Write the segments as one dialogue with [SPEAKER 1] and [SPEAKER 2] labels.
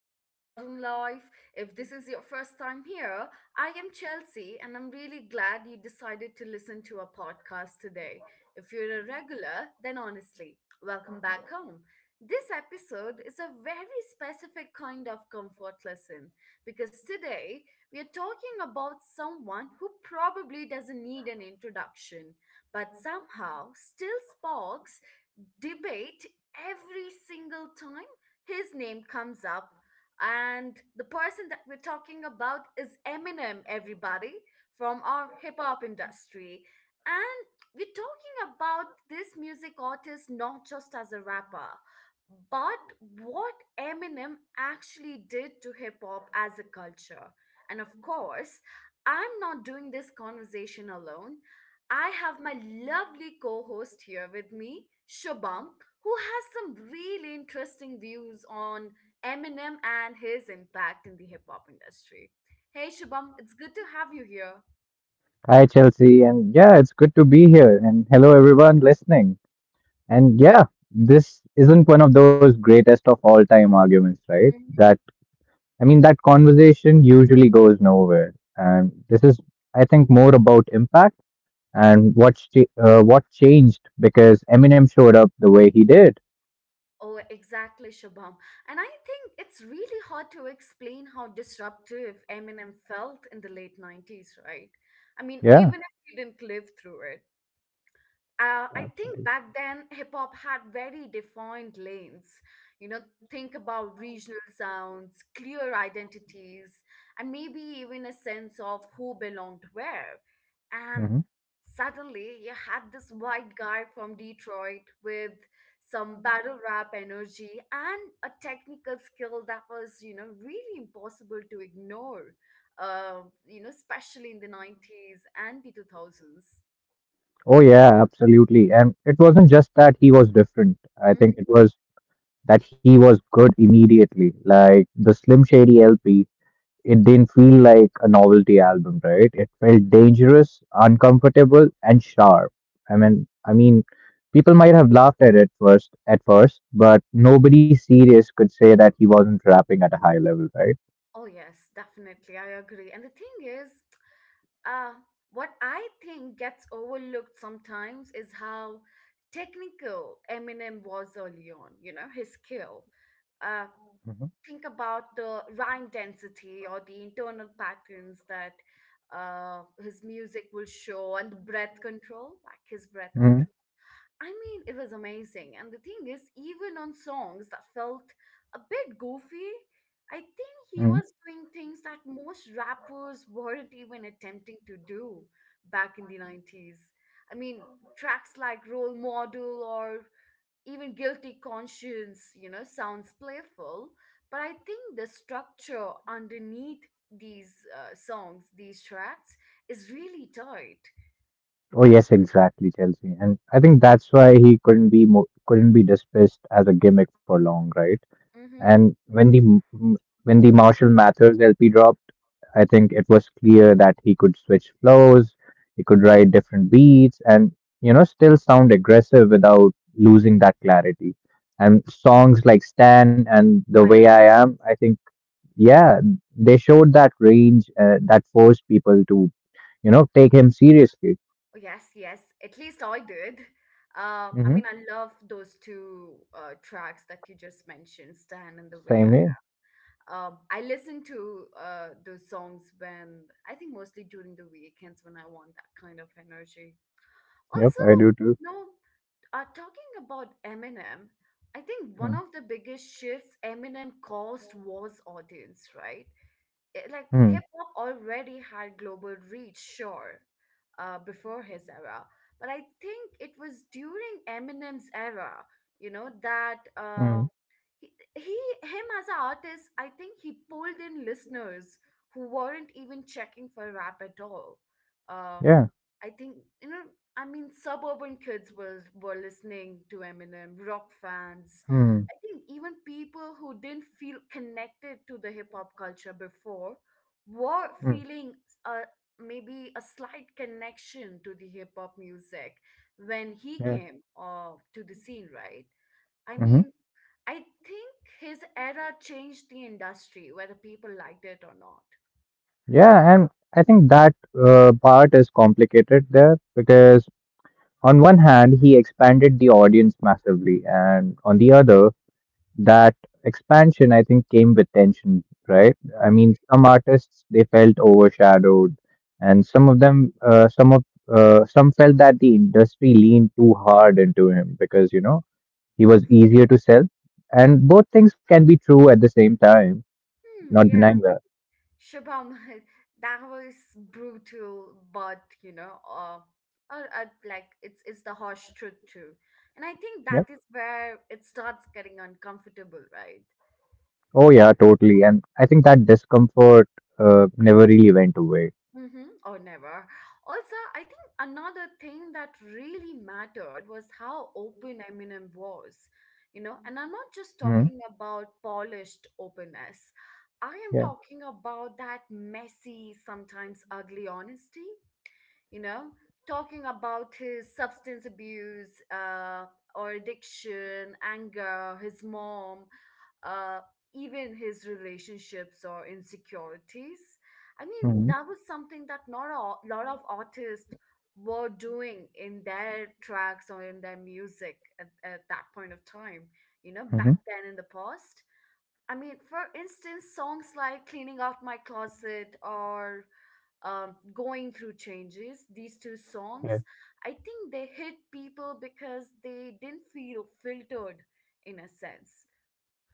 [SPEAKER 1] show, Modern Life. If this is your first time here, I am Chelsea, and I'm really glad you decided to listen to our podcast today. If you're a regular, then honestly, welcome back home. This episode is a very specific kind of comfort lesson because today we are talking about someone who probably doesn't need an introduction, but somehow still sparks debate every single time his name comes up, and the person that we're talking about is Eminem, everybody, from our hip hop industry. And we're talking about this music artist not just as a rapper, but what Eminem actually did to hip hop as a culture. And of course, I'm not doing this conversation alone. I have my lovely co host here with me, Shubham, who has some really interesting views on Eminem and his impact in the hip hop industry. Hey, Shubham, it's good to have you here.
[SPEAKER 2] Hi, Chelsea. And yeah, it's good to be here. And hello, everyone listening. And yeah, this isn't one of those greatest of all time arguments, right?
[SPEAKER 1] Mhm.
[SPEAKER 2] That conversation usually goes nowhere. And this is, I think, more about impact and what changed because Eminem showed up the way he did.
[SPEAKER 1] Oh, exactly, Shubham. And I think it's really hard to explain how disruptive Eminem felt in the late 90s, right? I mean,
[SPEAKER 2] Yeah.
[SPEAKER 1] even if we didn't live through it. I think
[SPEAKER 2] Absolutely.
[SPEAKER 1] back then hip hop had very defined lanes. You know, think about regional sounds, clear identities, and maybe even a sense of who belonged where. And
[SPEAKER 2] Hmm
[SPEAKER 1] suddenly you had this white guy from Detroit with some battle rap energy and a technical skill that was, you know, really impossible to ignore, you know, especially in the 90s and the 2000s.
[SPEAKER 2] Oh, yeah, absolutely. And it wasn't just that he was different. I think it was that he was good immediately. Like the Slim Shady LP. It didn't feel like a novelty album, right? It felt dangerous, uncomfortable, and sharp. I mean, people might have laughed at it first, but nobody serious could say that he wasn't rapping at a high level, right?
[SPEAKER 1] Oh, yes, definitely. I agree. And the thing is, uh, what I think gets overlooked sometimes is how technical Eminem was early on, you know, his skill. Uh, think about the rhyme density or the internal patterns that his music will show, and the breath control, like his breath
[SPEAKER 2] hmm
[SPEAKER 1] control. I mean, it was amazing. And the thing is, even on songs that felt a bit goofy, I think he
[SPEAKER 2] hmm
[SPEAKER 1] was doing things that most rappers weren't even attempting to do back in the 90s. I mean, tracks like Role Model or even Guilty Conscience, you know, sounds playful, but I think the structure underneath these songs, these tracks, is really tight.
[SPEAKER 2] Oh yes, exactly, Chelsea. And I think that's why he couldn't be dismissed as a gimmick for long, right?
[SPEAKER 1] Mm-hmm.
[SPEAKER 2] And when the Marshall Mathers LP dropped, I think it was clear that he could switch flows, he could write different beats, and you know still sound aggressive without losing that clarity. And songs like "Stan" and "The Way I Am," I think, yeah, they showed that range that forced people to you know take him seriously.
[SPEAKER 1] Yes, yes. At least I did. I
[SPEAKER 2] Mm-hmm.
[SPEAKER 1] mean, I love those two tracks that you just mentioned, "Stand" and "The Way
[SPEAKER 2] Same
[SPEAKER 1] I
[SPEAKER 2] here.
[SPEAKER 1] Am." I listen to those songs when I think mostly during the weekends when I want that kind of energy.
[SPEAKER 2] Yep,
[SPEAKER 1] Also,
[SPEAKER 2] I do too.
[SPEAKER 1] you know, talking about Eminem, I think one
[SPEAKER 2] Mm,
[SPEAKER 1] of the biggest shifts Eminem caused was audience, right? Like,
[SPEAKER 2] mm,
[SPEAKER 1] hip hop already had global reach, sure, before his era, but I think it was during Eminem's era, you know, that
[SPEAKER 2] mm,
[SPEAKER 1] he him as an artist, I think he pulled in listeners who weren't even checking for rap at all. Uh,
[SPEAKER 2] yeah.
[SPEAKER 1] I think you know. I mean, suburban kids was were listening to Eminem, rock fans.
[SPEAKER 2] Mm,
[SPEAKER 1] I think even people who didn't feel connected to the hip hop culture before were
[SPEAKER 2] mm,
[SPEAKER 1] feeling uh, maybe a slight connection to the hip hop music when he
[SPEAKER 2] yeah.
[SPEAKER 1] came to the scene, right? I
[SPEAKER 2] hmm
[SPEAKER 1] mean, I think his era changed the industry, whether people liked it or not.
[SPEAKER 2] Yeah, and I think that part is complicated there because on one hand he expanded the audience massively, and on the other, that expansion I think came with tension, right? I mean,
[SPEAKER 1] Mhm.
[SPEAKER 2] some artists they felt overshadowed, and some of them, some of some felt that the industry leaned too hard into him because you know he was easier to sell. And both things can be true at the same time,
[SPEAKER 1] Hmm,
[SPEAKER 2] not
[SPEAKER 1] yeah.
[SPEAKER 2] denying that.
[SPEAKER 1] Shubham, that was brutal, but you know, like, it's the harsh truth too, and I think
[SPEAKER 2] Yeah.
[SPEAKER 1] that is where it starts getting uncomfortable, right?
[SPEAKER 2] Oh, yeah, totally. And I think that discomfort never really went away.
[SPEAKER 1] Mm-hmm, or never. Also, I think another thing that really mattered was how open Eminem was, you know, and I'm not just
[SPEAKER 2] Hmm
[SPEAKER 1] talking about polished openness. I am
[SPEAKER 2] Yeah.
[SPEAKER 1] talking about that messy, sometimes ugly honesty, you know, talking about his substance abuse or addiction, anger, his mom, uh, even his relationships or insecurities. I mean,
[SPEAKER 2] hmm
[SPEAKER 1] that was something that not a lot of artists were doing in their tracks or in their music at that point of time, you know,
[SPEAKER 2] hmm
[SPEAKER 1] back then in the past. I mean, for instance, songs like Cleaning Out My Closet or Going Through Changes, these two songs,
[SPEAKER 2] Yeah.
[SPEAKER 1] I think they hit people because they didn't feel filtered in a sense.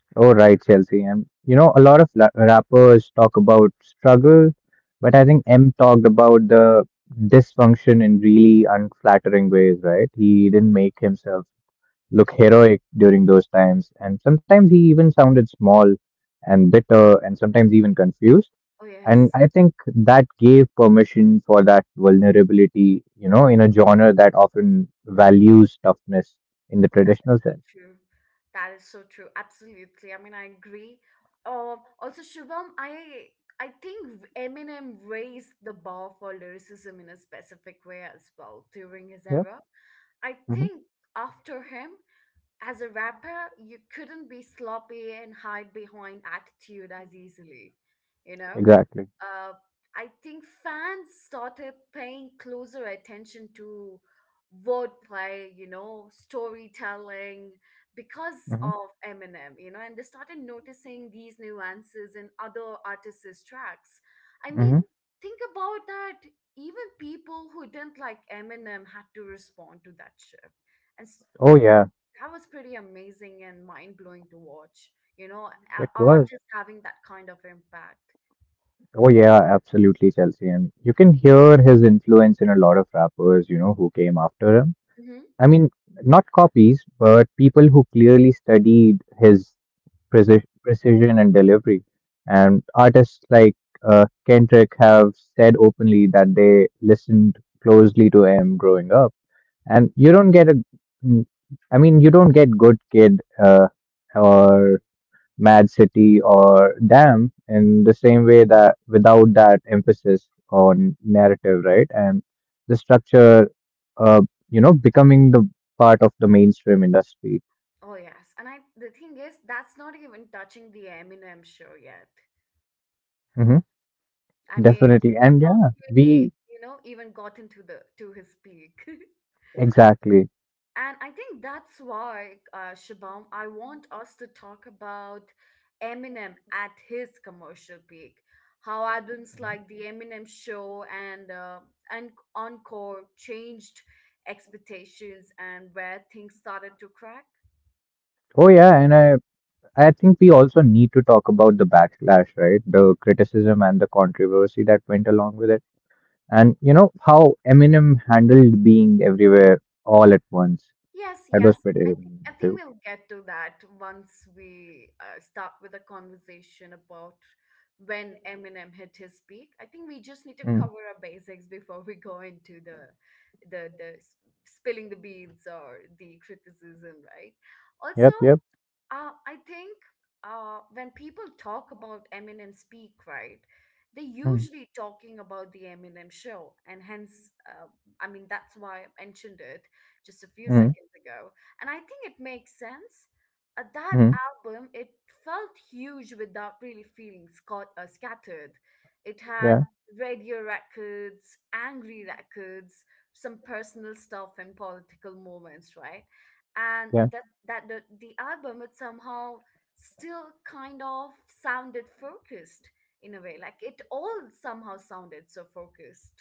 [SPEAKER 2] Oh, right, Chelsea. And, you know, a lot of la- rappers talk about struggle, but I think M talked about the dysfunction in really unflattering ways, right? He didn't make himself look heroic during those times, and sometimes he even sounded small and bitter and sometimes even confused.
[SPEAKER 1] Oh
[SPEAKER 2] And
[SPEAKER 1] yes.
[SPEAKER 2] I think that gave permission for that vulnerability, you know, in a genre that often values toughness in the
[SPEAKER 1] Oh, that is
[SPEAKER 2] traditional
[SPEAKER 1] so
[SPEAKER 2] sense.
[SPEAKER 1] true. That is so true, absolutely. I mean, I agree. Also, Shubham, I think Eminem raised the bar for lyricism in a specific way as well during his
[SPEAKER 2] Yeah,
[SPEAKER 1] era. I
[SPEAKER 2] hmm
[SPEAKER 1] think after him, as a rapper, you couldn't be sloppy and hide behind attitude as easily, you know?
[SPEAKER 2] exactly.
[SPEAKER 1] Uh, I think fans started paying closer attention to wordplay, you know, storytelling, because
[SPEAKER 2] hmm
[SPEAKER 1] of Eminem, you know, and they started noticing these nuances in other artists' tracks. I mean,
[SPEAKER 2] hmm
[SPEAKER 1] think about that. Even people who didn't like Eminem had to respond to that shift. And, s-
[SPEAKER 2] Oh,
[SPEAKER 1] and
[SPEAKER 2] yeah,
[SPEAKER 1] that was pretty amazing and mind blowing to watch. You know,
[SPEAKER 2] it was.
[SPEAKER 1] artists having that kind of impact.
[SPEAKER 2] Oh, yeah, absolutely, Chelsea. And you can hear his influence in a lot of rappers, you know, who came after him.
[SPEAKER 1] Hmm.
[SPEAKER 2] I mean, not copies, but people who clearly studied his precision and delivery. And artists like Kendrick have said openly that they listened closely to him growing up, and you don't get a, I mean, you don't get Good Kid or Mad City or Damn in the same way that without that emphasis on narrative, right, and the structure uh, you know becoming the part of the mainstream industry.
[SPEAKER 1] Oh yes, and I, the thing is, that's not even touching The Eminem Show yet.
[SPEAKER 2] Hmm
[SPEAKER 1] I mean, we
[SPEAKER 2] definitely,
[SPEAKER 1] have
[SPEAKER 2] and
[SPEAKER 1] not
[SPEAKER 2] yeah,
[SPEAKER 1] really,
[SPEAKER 2] we
[SPEAKER 1] you know, even gotten to the to his peak.
[SPEAKER 2] exactly.
[SPEAKER 1] And I think that's why, Shabam, I want us to talk about Eminem at his commercial peak. How albums
[SPEAKER 2] Mhm.
[SPEAKER 1] like The Eminem Show and Encore changed expectations, and where things started to crack.
[SPEAKER 2] Oh yeah, and I think we also need to talk about the backlash, right? The criticism and the controversy that went along with it. And you know how Eminem handled being everywhere all at once.
[SPEAKER 1] Yes,
[SPEAKER 2] That
[SPEAKER 1] yes.
[SPEAKER 2] was pretty
[SPEAKER 1] I think
[SPEAKER 2] Eminem
[SPEAKER 1] I think
[SPEAKER 2] too.
[SPEAKER 1] we'll get to that once we start with a conversation about when Eminem hit his peak. I think we just need to
[SPEAKER 2] Mm.
[SPEAKER 1] cover our basics before we go into the spilling the beans or the criticism, right? Also,
[SPEAKER 2] Yep, yep.
[SPEAKER 1] I think when people talk about Eminem Speak, right, they're
[SPEAKER 2] Mm.
[SPEAKER 1] usually talking about The Eminem Show. And hence, I mean, that's why I mentioned it just a few
[SPEAKER 2] Mm.
[SPEAKER 1] seconds ago. And I think it makes sense. That
[SPEAKER 2] Mm.
[SPEAKER 1] album, it felt huge without really feeling scattered. It had
[SPEAKER 2] Yeah,
[SPEAKER 1] radio records, angry records, some personal stuff, and political moments, right? and
[SPEAKER 2] yeah,
[SPEAKER 1] that that the, the album, it somehow still kind of sounded focused in a way, like it all somehow sounded so focused.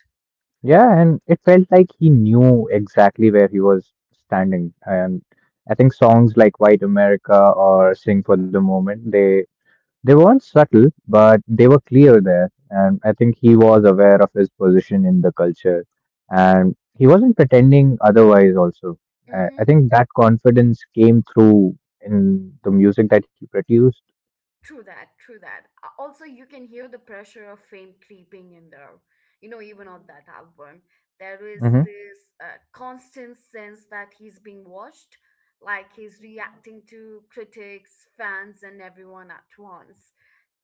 [SPEAKER 2] yeah. And it felt like he knew exactly where he was standing. And I think songs like "White America" or "Sing for the Moment," they weren't subtle, but they were clear there. And I think he was aware of his position in the culture. And he wasn't pretending otherwise, also. I,
[SPEAKER 1] Mm-hmm.
[SPEAKER 2] I think that confidence came through in the music that he produced.
[SPEAKER 1] True that, true that. Also, you can hear the pressure of fame creeping in there, you know, even on that album. There is
[SPEAKER 2] Hmm
[SPEAKER 1] this constant sense that he's being watched, like he's reacting to critics, fans, and everyone at once.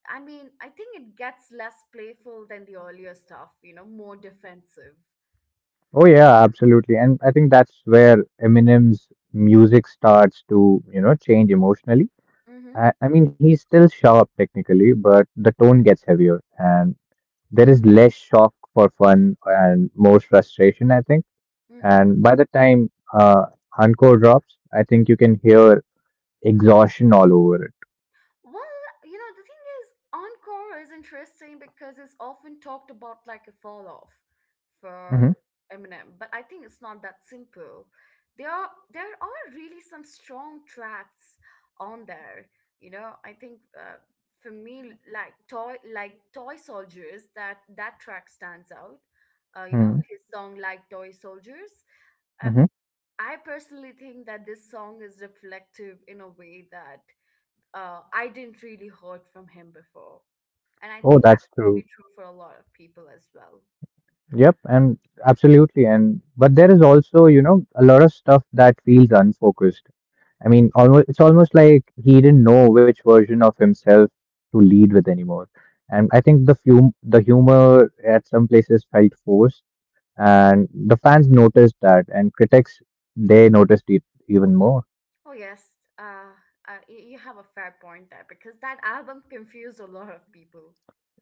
[SPEAKER 1] I mean, I think it gets less playful than the earlier stuff, you know, more defensive.
[SPEAKER 2] Oh, yeah, absolutely. And I think that's where Eminem's music starts to, you know, change emotionally.
[SPEAKER 1] Mm-hmm.
[SPEAKER 2] I mean, he's still sharp technically, but the tone gets heavier and there is less shock for fun and more frustration, I think.
[SPEAKER 1] Mm-hmm.
[SPEAKER 2] And by the time Encore drops, I think you can hear exhaustion all over it.
[SPEAKER 1] Well, you know, the thing is, Encore is interesting because it's often talked about like a fall off
[SPEAKER 2] Mm-hmm.
[SPEAKER 1] for Eminem, but I think it's not that simple. There are really some strong tracks on there. You know, I think for me, like Toy Soldiers, that track stands out. You know, his song like Toy Soldiers. Uh,
[SPEAKER 2] Mm-hmm.
[SPEAKER 1] I personally think that this song is reflective in a way that I didn't really heard from him before. And I
[SPEAKER 2] Oh,
[SPEAKER 1] think that
[SPEAKER 2] that's
[SPEAKER 1] would
[SPEAKER 2] true.
[SPEAKER 1] be true for a lot of people as well.
[SPEAKER 2] Yep, and absolutely. And but there is also, you know, a lot of stuff that feels unfocused. I mean, almost it's almost like he didn't know which version of himself to lead with anymore. And I think the humor at some places felt forced, and the fans noticed that, and critics they noticed it even more.
[SPEAKER 1] Oh, yes. Uh, you have a fair point there because that album confused a lot of people.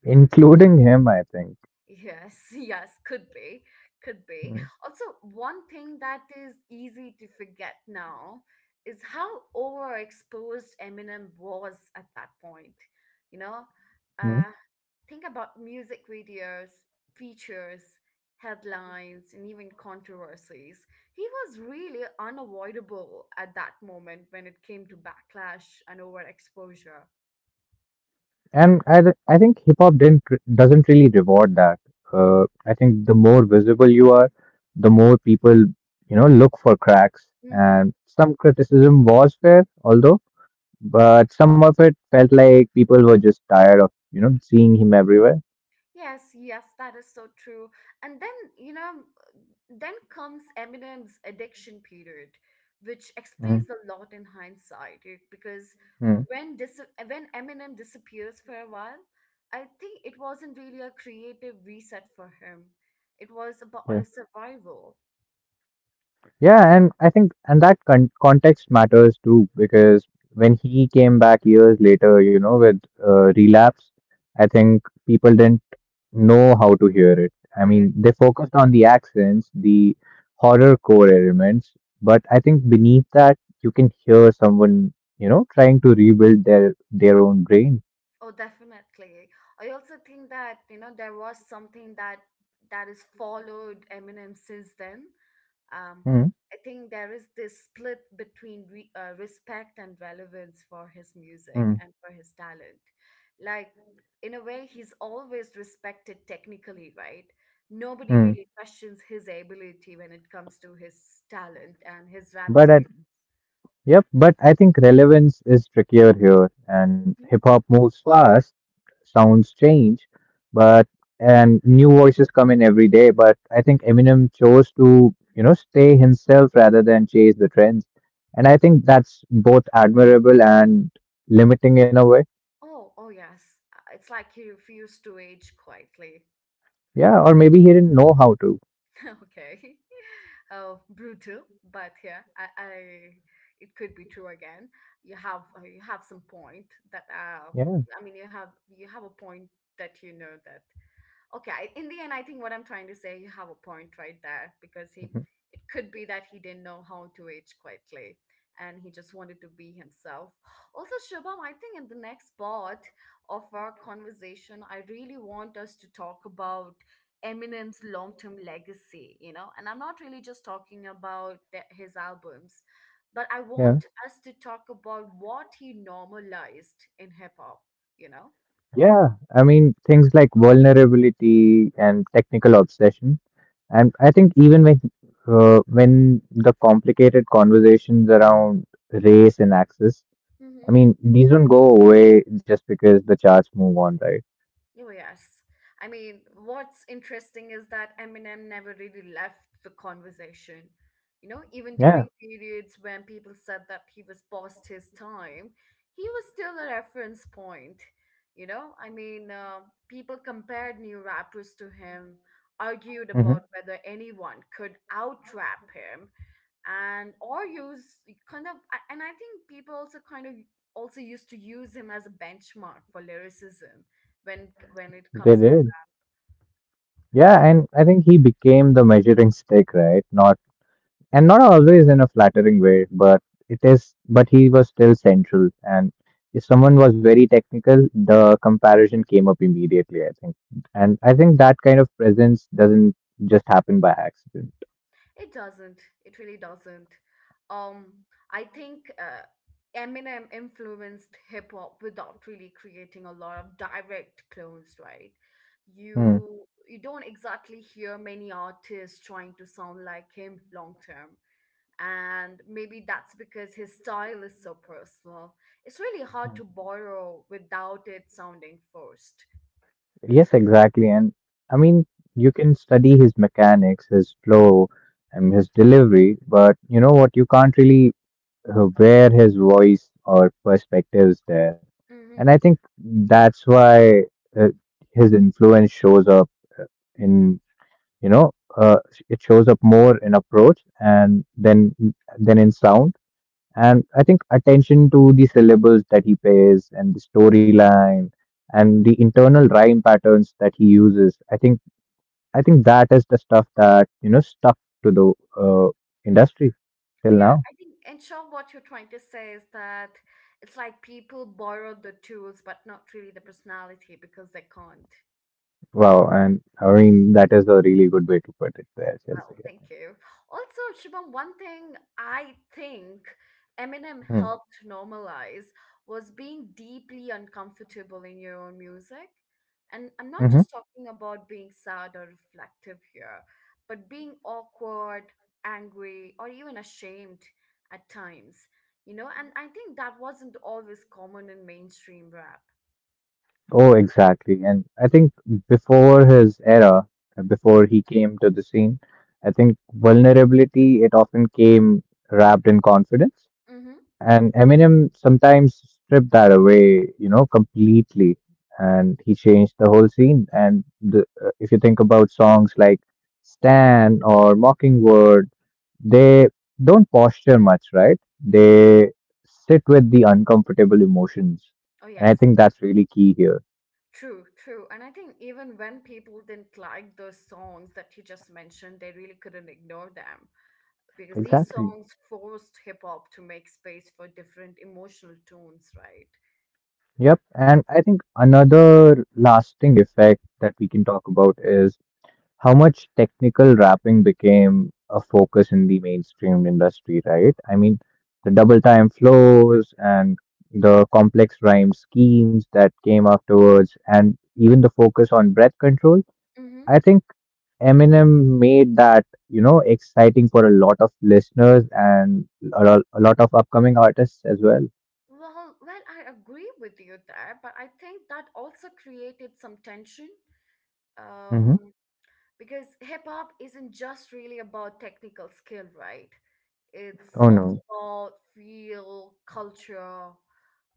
[SPEAKER 2] Including him, I think.
[SPEAKER 1] Yes, yes, could be, could be. Also, one thing that is easy to forget now is how overexposed Eminem was at that point. You know,
[SPEAKER 2] Mhm.
[SPEAKER 1] uh, think about music videos, features, headlines, and even controversies. He was really unavoidable at that moment when it came to backlash and overexposure.
[SPEAKER 2] And I think hip hop didn't re- doesn't really reward that. I think the more visible you are, the more people you know look for cracks. And some criticism was fair, although, but some of it felt like people were just tired of you know seeing him everywhere.
[SPEAKER 1] Yes, yes, that is so true. And then, you know, then comes Eminem's addiction period, which explains a lot in hindsight, eh, because
[SPEAKER 2] Mm-hmm.
[SPEAKER 1] when dis- when Eminem disappears for a while, I think it wasn't really a creative reset for him. It was about
[SPEAKER 2] Yeah.
[SPEAKER 1] a survival.
[SPEAKER 2] Yeah, and I think and that context matters too because when he came back years later, you know, with Relapse, I think people didn't know how to hear it. I
[SPEAKER 1] Oh yes.
[SPEAKER 2] mean, they focused on the accents, the horror core elements, but I think beneath that, you can hear someone, you know, trying to rebuild their own brain.
[SPEAKER 1] Oh, definitely. I also think that, you know, there was something that is followed Eminem since then. Um,
[SPEAKER 2] Hmm,
[SPEAKER 1] I think there is this split between respect and relevance for his music
[SPEAKER 2] hmm,
[SPEAKER 1] and for his talent. Like, in a way, he's always respected technically, right? Nobody
[SPEAKER 2] hmm.
[SPEAKER 1] really questions his ability when it comes to his talent and his rap
[SPEAKER 2] But I,
[SPEAKER 1] skill.
[SPEAKER 2] yep, but I think relevance is trickier here, and hip
[SPEAKER 1] Mhm.
[SPEAKER 2] hop moves fast, sounds change, but and new voices come in every day. But I think Eminem chose to, you know, stay himself rather than chase the trends, and I think that's both admirable and limiting in a way.
[SPEAKER 1] Oh, oh yes. It's like he refused to age quietly.
[SPEAKER 2] Yeah, or maybe he didn't know how to.
[SPEAKER 1] Okay. Oh, brutal, but yeah, I, it could be true again. You have some point that
[SPEAKER 2] Yeah,
[SPEAKER 1] I mean, you have a point that you know that okay, in the end, I think what I'm trying to say, you have a point right there because he,
[SPEAKER 2] mhm.
[SPEAKER 1] it could be that he didn't know how to age quietly and he just wanted to be himself. Also, Shubham, I think in the next part of our conversation, I really want us to talk about Eminem's long-term legacy, you know. And I'm not really just talking about his albums, but I want
[SPEAKER 2] Yeah.
[SPEAKER 1] us to talk about what he normalized in hip-hop, you know.
[SPEAKER 2] Yeah, I mean, things like vulnerability and technical obsession. And I think even when the complicated conversations around race and access, I mean, these don't go away just because the charts move on, right?
[SPEAKER 1] Oh, yes. I mean, what's interesting is that Eminem never really left the conversation. You know, even
[SPEAKER 2] Yeah,
[SPEAKER 1] during periods when people said that he was past his time, he was still a reference point. You know, I mean, uh, people compared new rappers to him, argued
[SPEAKER 2] hmm
[SPEAKER 1] about whether anyone could out rap him, and or use kind of a- and I think people also kind of also used to use him as a benchmark for lyricism when it
[SPEAKER 2] they
[SPEAKER 1] comes
[SPEAKER 2] did. Yeah, and I think he became the measuring stick, right? Not always in a flattering way, but it is. But he was still central, and if someone was very technical, the comparison came up immediately. I think, and I think that kind of presence doesn't just happen by accident.
[SPEAKER 1] it doesn't it really doesn't um I think Eminem influenced hip hop without really creating a lot of direct clones, right?
[SPEAKER 2] Hmm.
[SPEAKER 1] You you don't exactly hear many artists trying to sound like him long term, and maybe that's because his style is so personal. It's really hard to borrow without it sounding forced.
[SPEAKER 2] Yes, exactly. And I mean, you can study his mechanics, his flow, and his delivery, but you know what? You can't really where his voice or perspectives there. And
[SPEAKER 1] Mm-hmm.
[SPEAKER 2] I think that's why uh, his influence shows up in you know uh, it shows up more in approach and then in sound. And I think attention to the syllables that he pays, and the storyline and the internal rhyme patterns that he uses, I think, that is the stuff that you know stuck to the uh, industry
[SPEAKER 1] Oh
[SPEAKER 2] till
[SPEAKER 1] yeah,
[SPEAKER 2] now.
[SPEAKER 1] I think in short, what you're trying to say is that it's like people borrow the tools, but not really the personality because they can't.
[SPEAKER 2] Wow, and I mean that is a really good way to put it there, Chelsea.
[SPEAKER 1] Well, thank you. Also, Shubham, one thing I think Eminem
[SPEAKER 2] Hmm.
[SPEAKER 1] helped normalize was being deeply uncomfortable in your own music. And I'm not
[SPEAKER 2] hmm
[SPEAKER 1] just talking about being sad or reflective here, but being awkward, angry, or even ashamed at times, you know? And I think that wasn't always common in mainstream rap.
[SPEAKER 2] Oh, exactly. And I think before his era, before he came to the scene, I think vulnerability it often came wrapped in confidence.
[SPEAKER 1] Mm-hmm.
[SPEAKER 2] And Eminem sometimes stripped that away, you know, completely. And he changed the whole scene. And if you think about songs like "Stan" or "Mockingbird," they don't posture much, right? They sit with the uncomfortable emotions.
[SPEAKER 1] Oh,
[SPEAKER 2] And I
[SPEAKER 1] yes.
[SPEAKER 2] think that's really key here.
[SPEAKER 1] True, true. And I think even when people didn't like those songs that he just mentioned, they really couldn't ignore them because these
[SPEAKER 2] Exactly.
[SPEAKER 1] songs forced hip hop to make space for different emotional tones, right?
[SPEAKER 2] Yep. And I think another lasting effect that we can talk about is how much technical rapping became a focus in the mainstream industry, right? I mean, the double time flows and the complex rhyme schemes that came afterwards, and even the focus on breath control.
[SPEAKER 1] Mm-hmm.
[SPEAKER 2] I think Eminem made that, you know, exciting for a lot of listeners and a lot of upcoming artists as well.
[SPEAKER 1] Well, well, I agree with you there, but I think that also created some tension,
[SPEAKER 2] Mm-hmm.
[SPEAKER 1] um, because hip hop isn't just really about technical skill, right? It's
[SPEAKER 2] Oh
[SPEAKER 1] also
[SPEAKER 2] no.
[SPEAKER 1] about feel, culture,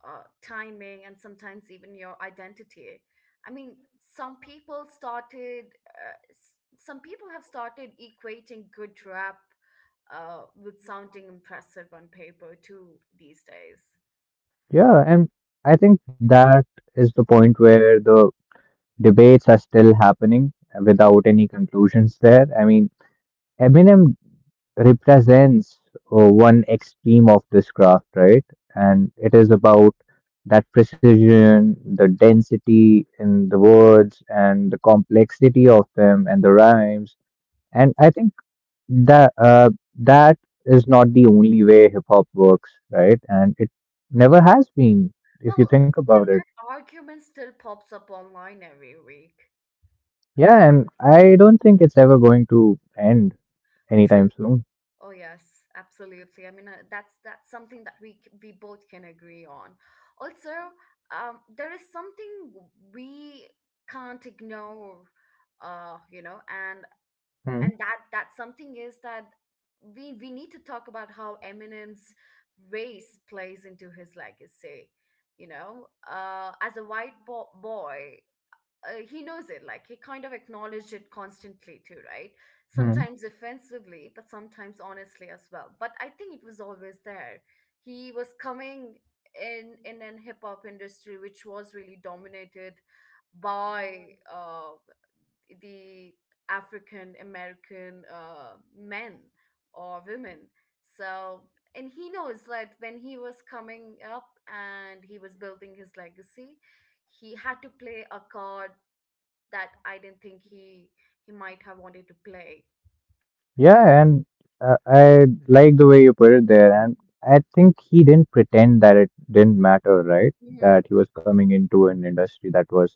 [SPEAKER 1] timing, and sometimes even your identity. I mean, some people started, some people have started equating good rap with sounding impressive on paper too these days.
[SPEAKER 2] Yeah, and I think that is the point where the debates are still happening
[SPEAKER 1] Hmm.
[SPEAKER 2] without any conclusions there. I mean, Eminem represents one extreme of this craft, right? And it is about that precision, the density in the words, and the complexity of them, and the rhymes. And I think that uh, that is not the only way hip hop works, right? And it never has been, if you
[SPEAKER 1] Well,
[SPEAKER 2] think
[SPEAKER 1] the
[SPEAKER 2] about
[SPEAKER 1] thing is
[SPEAKER 2] it.
[SPEAKER 1] that argument still pops up online every week.
[SPEAKER 2] Yeah, and I don't think it's ever going to end
[SPEAKER 1] True.
[SPEAKER 2] anytime soon.
[SPEAKER 1] Oh yes, absolutely. I mean, that's something that we both can agree on. Also, there is something we can't ignore, you know, and that something is that we need to talk about how Eminem's race plays into his legacy. You know, as a white boy, he knows it, like he kind of acknowledged it constantly too, right?
[SPEAKER 2] Mm-hmm.
[SPEAKER 1] Sometimes offensively, but sometimes honestly as well, but I think it was always there. He was coming in an hip hop industry which was really dominated by uh, the African American men or women. So, and he knows that when he was coming up and he was building his legacy, he had to play a card that I didn't think he might have wanted to play.
[SPEAKER 2] Yeah, and I like the way you put it there. And I think he didn't pretend that it didn't matter, right?
[SPEAKER 1] Hmm.
[SPEAKER 2] That he was coming into an industry that was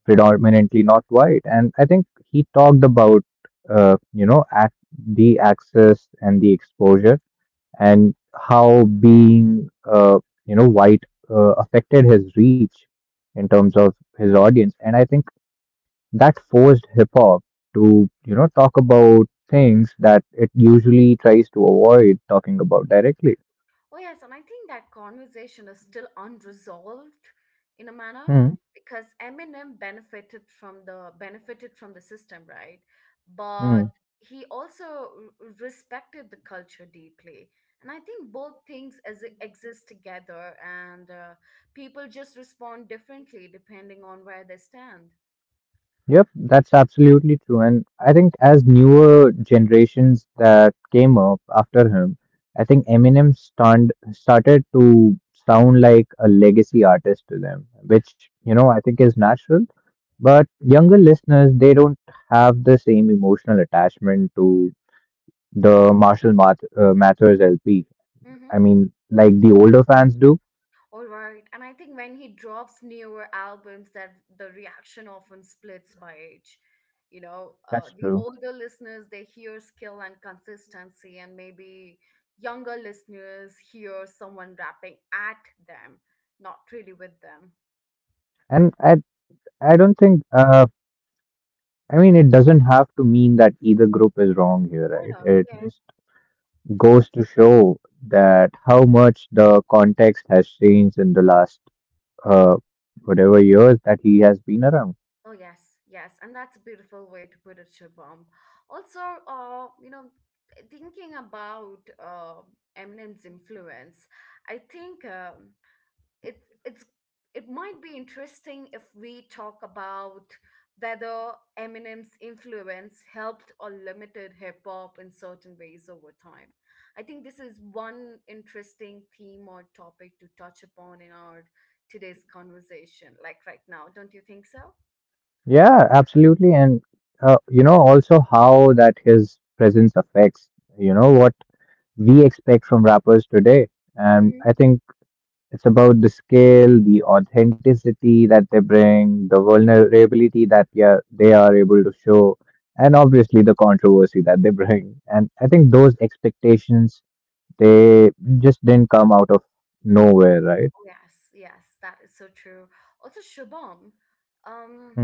[SPEAKER 2] predominantly not white. And I think he talked about, you know, ac the access and the exposure and how being, you know, white affected his reach in terms of his audience. And I think that forced hip hop to, you know, talk about things that it usually tries to avoid talking about directly.
[SPEAKER 1] Oh yes, and I think that conversation is still unresolved in a manner
[SPEAKER 2] Hmm.
[SPEAKER 1] because Eminem benefited from the system, right?
[SPEAKER 2] Hmm.
[SPEAKER 1] But he also respected the culture deeply. And I think both things as exist together, and people just respond differently depending on where they stand.
[SPEAKER 2] Yep, that's absolutely true. And I think as newer generations that came up after him, I think Eminem stunned, started to sound like a legacy artist to them, which, you know, I think is natural. But younger listeners, they don't have the same emotional attachment to the Mathers LP. I mean, like the older fans do.
[SPEAKER 1] All right. And I think when he drops newer albums that the reaction often splits by age. You know,
[SPEAKER 2] That's
[SPEAKER 1] the
[SPEAKER 2] true.
[SPEAKER 1] older listeners, they hear skill and consistency, and maybe younger listeners hear someone rapping at them, not really with them.
[SPEAKER 2] And I don't think I mean it doesn't have to mean that either group is wrong here,
[SPEAKER 1] Oh
[SPEAKER 2] right?
[SPEAKER 1] no,
[SPEAKER 2] It
[SPEAKER 1] yeah.
[SPEAKER 2] just goes to show that how much the context has changed in the last whatever years that he has been around.
[SPEAKER 1] Oh yes, yes. And that's a beautiful way to put it, Shubham. Also, you know, thinking about Eminem's influence, I think it's it's it might be interesting if we talk about whether Eminem's influence helped or limited hip hop in certain ways over time. I think this is one interesting theme or topic to touch upon in our today's conversation, like right now. Don't you think so?
[SPEAKER 2] Yeah, absolutely. And you know, also how that his presence affects, you know, what we expect from rappers today. And
[SPEAKER 1] Mm-hmm.
[SPEAKER 2] I think it's about the scale, the authenticity that they bring, the vulnerability that they are able to show, and obviously the controversy that they bring. And I think those expectations, they just didn't come out of nowhere, right?
[SPEAKER 1] Yes, yes, that is so true. Also, Shubham, um,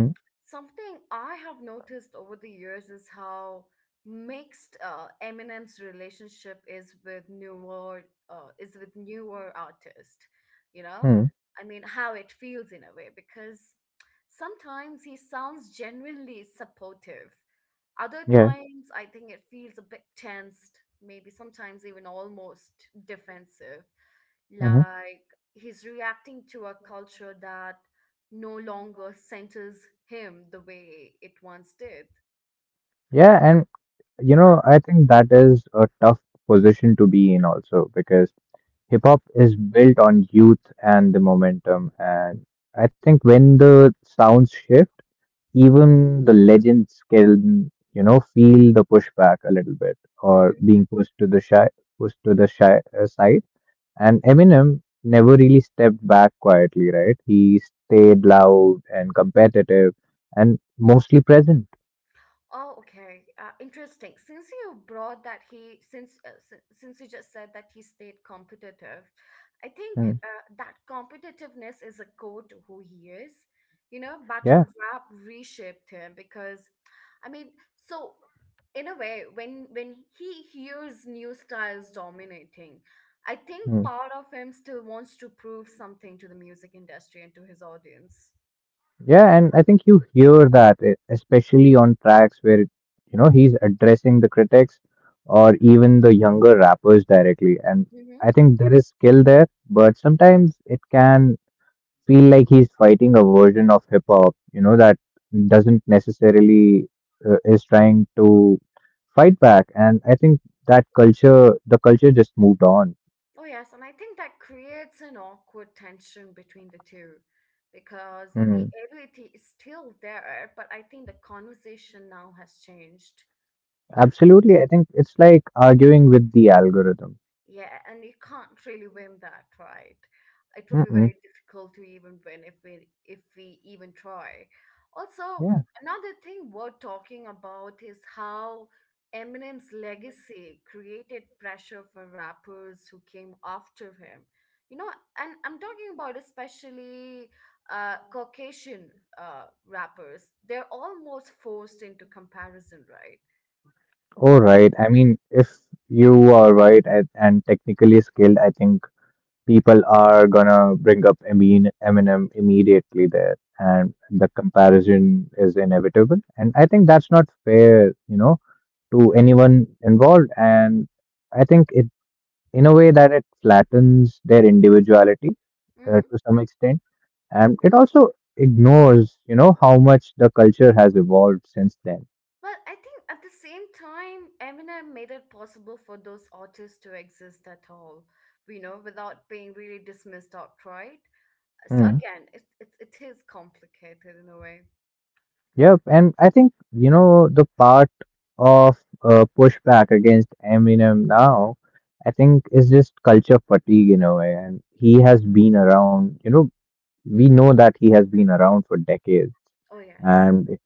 [SPEAKER 1] something I have noticed over the years is how mixed Eminem's relationship is with newer artists. You know,
[SPEAKER 2] Mm-hmm.
[SPEAKER 1] I mean, how it feels in a way because sometimes he sounds genuinely supportive, other
[SPEAKER 2] Yeah.
[SPEAKER 1] times, I think it feels a bit tensed, maybe sometimes even almost defensive.
[SPEAKER 2] Hmm.
[SPEAKER 1] Like he's reacting to a culture that no longer centers him the way it once did.
[SPEAKER 2] Yeah. And, you know, I think that is a tough position to be in also because hip hop is built on youth and the momentum. And I think when the sounds shift, even the legends can, you know, feel the pushback a little bit or
[SPEAKER 1] Mm-hmm.
[SPEAKER 2] being pushed to the shy, pushed to the shy, side. And Eminem never really stepped back quietly, right? He stayed loud and competitive and mostly present.
[SPEAKER 1] Oh, okay. Interesting. Since you brought that since you just said that he stayed competitive, I think
[SPEAKER 2] Hmm.
[SPEAKER 1] that competitiveness is a core to who he is. You know, battle
[SPEAKER 2] Yeah.
[SPEAKER 1] rap reshaped him because, I mean, so in a way, when he hears new styles dominating, I think
[SPEAKER 2] Hmm.
[SPEAKER 1] part of him still wants to prove something to the music industry and to his audience.
[SPEAKER 2] Yeah, and I think you hear that, especially on tracks where, you know, he's addressing the critics or even the younger rappers directly. And I
[SPEAKER 1] Mm-hmm.
[SPEAKER 2] think there is skill there, but sometimes it can feel like he's fighting a version of hip hop, you know, that doesn't necessarily is trying to fight back. And I think that culture, the culture just moved on.
[SPEAKER 1] Oh, yes. And I think that creates an awkward tension between the two because
[SPEAKER 2] Hmm.
[SPEAKER 1] the ability is still there, but I think the conversation now has changed.
[SPEAKER 2] Absolutely. I think it's like arguing with the algorithm.
[SPEAKER 1] Yeah, and you can't really win that, right? It will be
[SPEAKER 2] Mm-mm.
[SPEAKER 1] very difficult to even win if we even try. Also, another thing worth talking about is how Eminem's legacy created pressure for rappers who came after him. You know, and I'm talking about especially Caucasian rappers. They're almost forced into comparison, right?
[SPEAKER 2] Oh, right. I mean, if you are right at, and technically skilled, I think people are gonna bring up Eminem immediately there, and the comparison is inevitable. And I think that's not fair, you know, to anyone involved. And I think it, in a way, that it flattens their individuality
[SPEAKER 1] Mm-hmm.
[SPEAKER 2] to some extent, and it also ignores, you know, how much the culture has evolved since then.
[SPEAKER 1] Well, I think at the same time, Eminem made it possible for those artists to exist at all, you know, without being really dismissed outright. So
[SPEAKER 2] Hmm.
[SPEAKER 1] again, it is complicated in a way.
[SPEAKER 2] Yep, and I think you know the part of pushback against Eminem now, I think is just culture fatigue in a way, and he has been around. You know, we know that he has been around for decades,
[SPEAKER 1] Oh yes.
[SPEAKER 2] and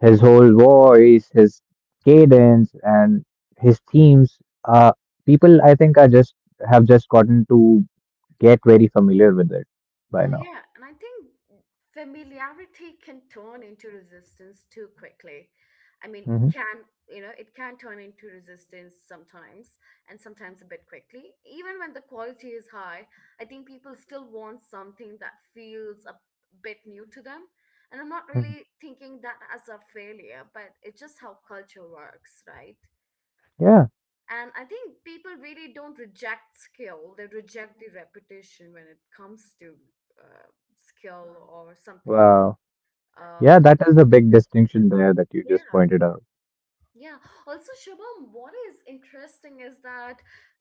[SPEAKER 2] his whole voice, his cadence, and his themes, uh, people I think are just have just gotten to get very familiar with it by
[SPEAKER 1] Oh,
[SPEAKER 2] now.
[SPEAKER 1] yeah. And I think familiarity can turn into resistance too quickly. I mean,
[SPEAKER 2] Hmm.
[SPEAKER 1] can, you know, it can turn into resistance sometimes and sometimes a bit quickly. Even when the quality is high, I think people still want something that feels a bit new to them. And I'm not really thinking that as a failure, but it's just how culture works, right?
[SPEAKER 2] Yeah.
[SPEAKER 1] And I think people really don't reject skill, they reject the reputation when it comes to uh, skill or something.
[SPEAKER 2] Wow.
[SPEAKER 1] Uh,
[SPEAKER 2] Yeah, that is the big distinction there that you just
[SPEAKER 1] yeah,
[SPEAKER 2] pointed out.
[SPEAKER 1] yeah. Also, Shabam, what is interesting is that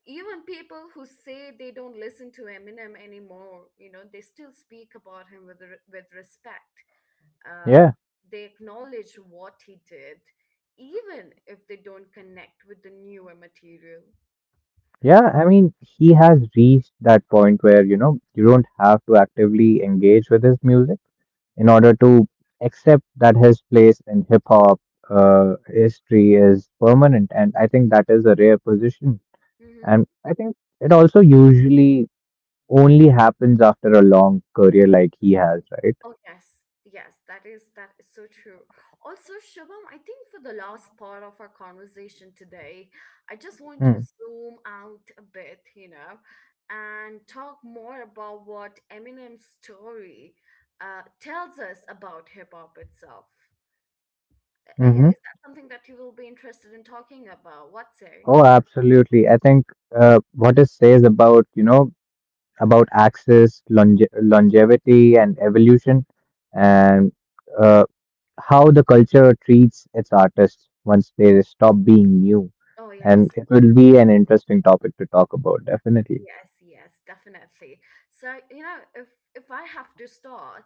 [SPEAKER 1] even people who say they don't listen to Eminem anymore, you know, they still speak about him with, with respect. Uh,
[SPEAKER 2] Yeah.
[SPEAKER 1] they acknowledge what he did, even if they don't connect with the newer material.
[SPEAKER 2] Yeah, I mean, he has reached that point where, you know, you don't have to actively engage with his music in order to accept that his place in hip hop history is permanent. And I think that is a rare position.
[SPEAKER 1] Mm-hmm.
[SPEAKER 2] And I think it also usually only happens after a long career like he has, right?
[SPEAKER 1] Oh yes, yes, that is so true. Also, Shubham, I think for the last part of our conversation today, I just want to
[SPEAKER 2] Hmm.
[SPEAKER 1] zoom out a bit, you know, and talk more about what Eminem's story tells us about hip hop itself.
[SPEAKER 2] Mm-hmm.
[SPEAKER 1] Is that something that you will be interested in talking about? What say?
[SPEAKER 2] Oh, absolutely. I think what it says about, you know, about access, longevity, and evolution, and uh, how the culture treats its artists once they stop being new.
[SPEAKER 1] Oh
[SPEAKER 2] And
[SPEAKER 1] yes.
[SPEAKER 2] it will be an interesting topic to talk about, definitely.
[SPEAKER 1] Yes, yes, definitely. So, you know, if I have to start,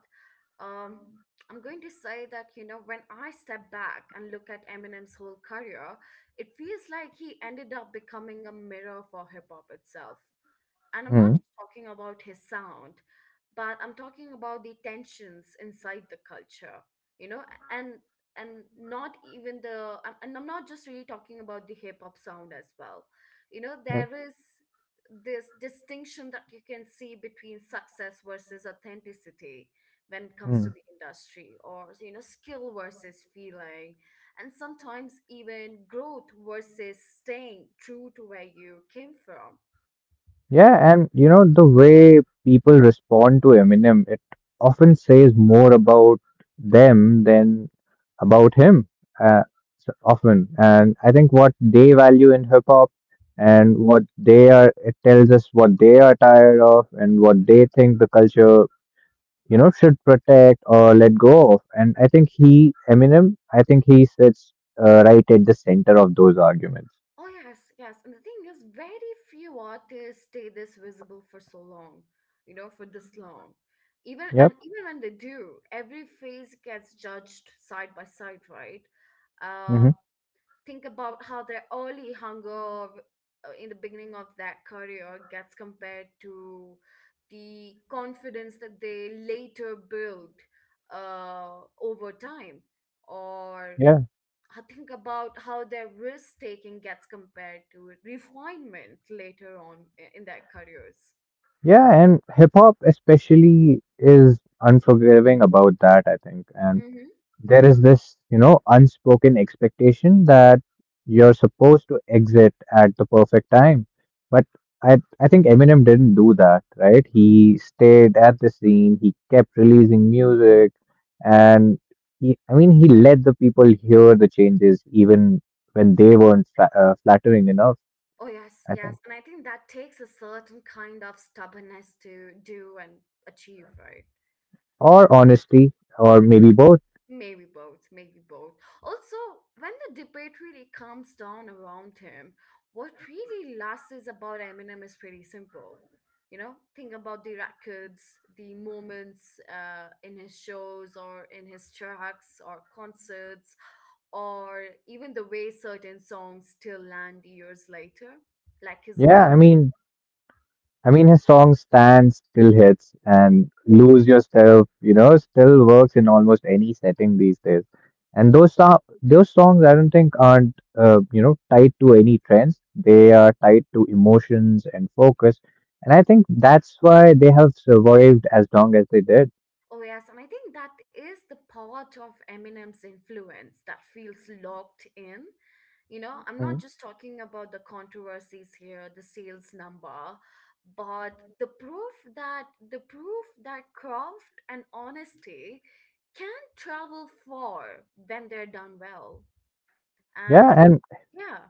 [SPEAKER 1] um, I'm going to say that, you know, when I step back and look at Eminem's whole career, it feels like he ended up becoming a mirror for hip hop itself, and I'm not
[SPEAKER 2] Hmm.
[SPEAKER 1] just talking about his sound, but I'm talking about the tensions inside the culture, you know, and not even the I'm- and I'm not just really talking about the hip hop sound as well. You know, there is this distinction that you can see between success versus authenticity when it comes to
[SPEAKER 2] Yeah.
[SPEAKER 1] the industry, or you know, skill versus feeling, and sometimes even growth versus staying true to where you came from.
[SPEAKER 2] Yeah, and you know, the way people respond to Eminem, it often says more about them than about him, uh, so often. And I think what they value in hip hop and what they are, it tells us what they are tired of and what they think the culture, you know, should protect or let go of. And I think he, Eminem, I think he sits right at the center of those arguments.
[SPEAKER 1] Oh yes, yes. And the thing is, very few artists stay this visible for so long, you know, for this long. Even and
[SPEAKER 2] Yep.
[SPEAKER 1] even when they do, every phase gets judged side by side, right? Uh,
[SPEAKER 2] Mm-hmm.
[SPEAKER 1] think about how their early hunger in the beginning of that career gets compared to the confidence that they later build over time, or
[SPEAKER 2] Yeah.
[SPEAKER 1] I think about how their risk taking gets compared to refinement later on in their careers.
[SPEAKER 2] Yeah, and hip hop especially is unforgiving about that, I think. And
[SPEAKER 1] Mm-hmm.
[SPEAKER 2] there is this, you know, unspoken expectation that you're supposed to exit at the perfect time. But I think Eminem didn't do that, right? He stayed at the scene, he kept releasing music and he, I mean, he let the people hear the changes even when they weren't flattering enough,
[SPEAKER 1] Oh, yes,
[SPEAKER 2] I
[SPEAKER 1] yes.
[SPEAKER 2] think.
[SPEAKER 1] And I think that takes a certain kind of stubbornness to do and achieve, right?
[SPEAKER 2] Or honesty, or maybe both.
[SPEAKER 1] Maybe both, maybe both. Also, when the debate really calms down around him, what really lasts is about Eminem is pretty simple. You know, think about the records, the moments in his shows or in his tracks or concerts, or even the way certain songs still land years later, like his
[SPEAKER 2] Yeah,
[SPEAKER 1] old.
[SPEAKER 2] I mean, his song Stand still hits
[SPEAKER 1] Mm-hmm.
[SPEAKER 2] and Lose Yourself, you know, still works in almost any setting these days. And those songs, I don't think aren't you know tied to any trends. They are tied to emotions and focus, and I think that's why they have survived as long as they did.
[SPEAKER 1] Oh, yes. And I think that is the part of Eminem's influence that feels locked in. You know, I'm not
[SPEAKER 2] Mhm.
[SPEAKER 1] just talking about the controversies here, the sales number, but the proof that craft and honesty can travel far when they're done well.
[SPEAKER 2] Yeah,
[SPEAKER 1] And
[SPEAKER 2] and
[SPEAKER 1] yeah.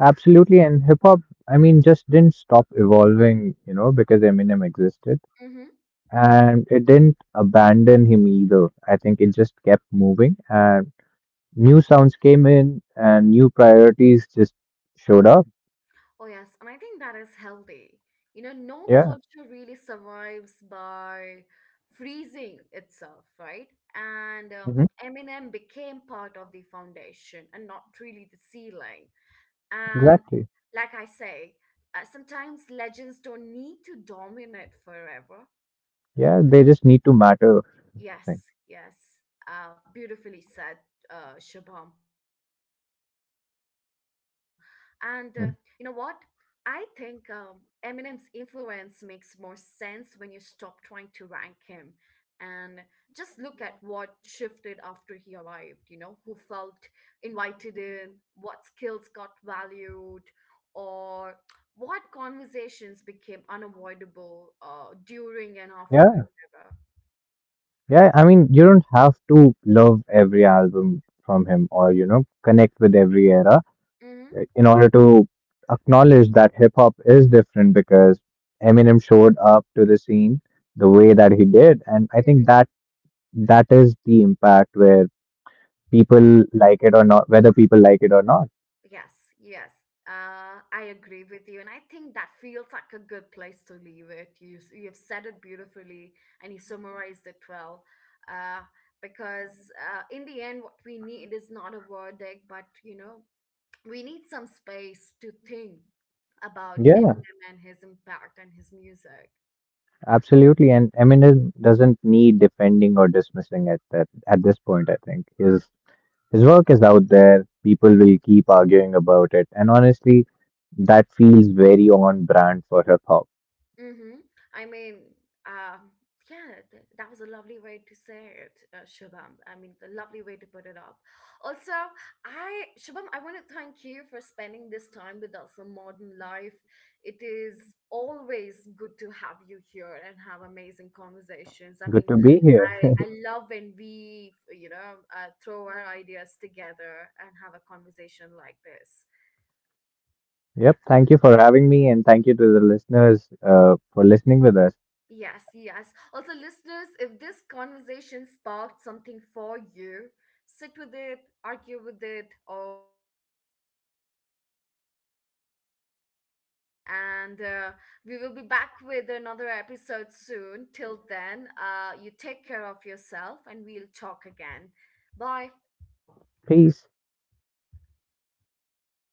[SPEAKER 2] absolutely. And hip hop, I mean, just didn't stop evolving, you know, because Eminem existed.
[SPEAKER 1] Mm-hmm.
[SPEAKER 2] And it didn't abandon him either. I think it just kept moving, and new sounds came in, and new priorities just showed up.
[SPEAKER 1] Oh, yes. And I think that is healthy. You know, no
[SPEAKER 2] Yeah.
[SPEAKER 1] culture really survives by freezing itself, right? And
[SPEAKER 2] Hmm.
[SPEAKER 1] Eminem became part of the foundation and not really the ceiling. And
[SPEAKER 2] Exactly.
[SPEAKER 1] like I say, sometimes legends don't need to dominate forever.
[SPEAKER 2] Yeah, they just need to matter. I
[SPEAKER 1] Yes,
[SPEAKER 2] think.
[SPEAKER 1] yes. Beautifully said, Shubham. And
[SPEAKER 2] Mm.
[SPEAKER 1] you know what? I think Eminem's influence makes more sense when you stop trying to rank him and just look at what shifted after he arrived, you know, who felt invited in, what skills got valued, or what conversations became unavoidable during and after his
[SPEAKER 2] Yeah,
[SPEAKER 1] era.
[SPEAKER 2] yeah. I mean, you don't have to love every album from him, or you know, connect with every era
[SPEAKER 1] Mm-hmm.
[SPEAKER 2] in order to acknowledge that hip hop is different because Eminem showed up to the scene the way that he did, and I think
[SPEAKER 1] Mm-hmm.
[SPEAKER 2] that that is the impact where people like it or not, whether people like it or not.
[SPEAKER 1] Yes, yes. I agree with you, and I think that feels like a good place to leave it. You have said it beautifully, and you summarized it well. Uh, because in the end, what we need is not a verdict, but you know, we need some space to think about
[SPEAKER 2] Yeah,
[SPEAKER 1] Eminem and his impact and his music.
[SPEAKER 2] absolutely. And Eminem doesn't need defending or dismissing it at that at this point. I think his work is out there. People will keep arguing about it, and honestly, that feels very on brand for hip hop.
[SPEAKER 1] Mm-hmm. I mean, um, yeah, that was a lovely way to say it, Shubham. I mean, the lovely way to put it up. Also, Shubham, I want to thank you for spending this time with us on Modern Life. It is always good to have you here and have amazing conversations. I
[SPEAKER 2] Good
[SPEAKER 1] mean,
[SPEAKER 2] to be here.
[SPEAKER 1] I love when we, you know, throw our ideas together and have a conversation like this.
[SPEAKER 2] Yep. Thank you for having me, and thank you to the listeners for listening with us.
[SPEAKER 1] Yes, yes. Also, listeners, if this conversation sparked something for you, sit with it, argue with it, or revisit the music, and that's all we want. And we will be back with another episode soon. Till then, you take care of yourself, and we'll talk again. Bye.
[SPEAKER 2] Peace.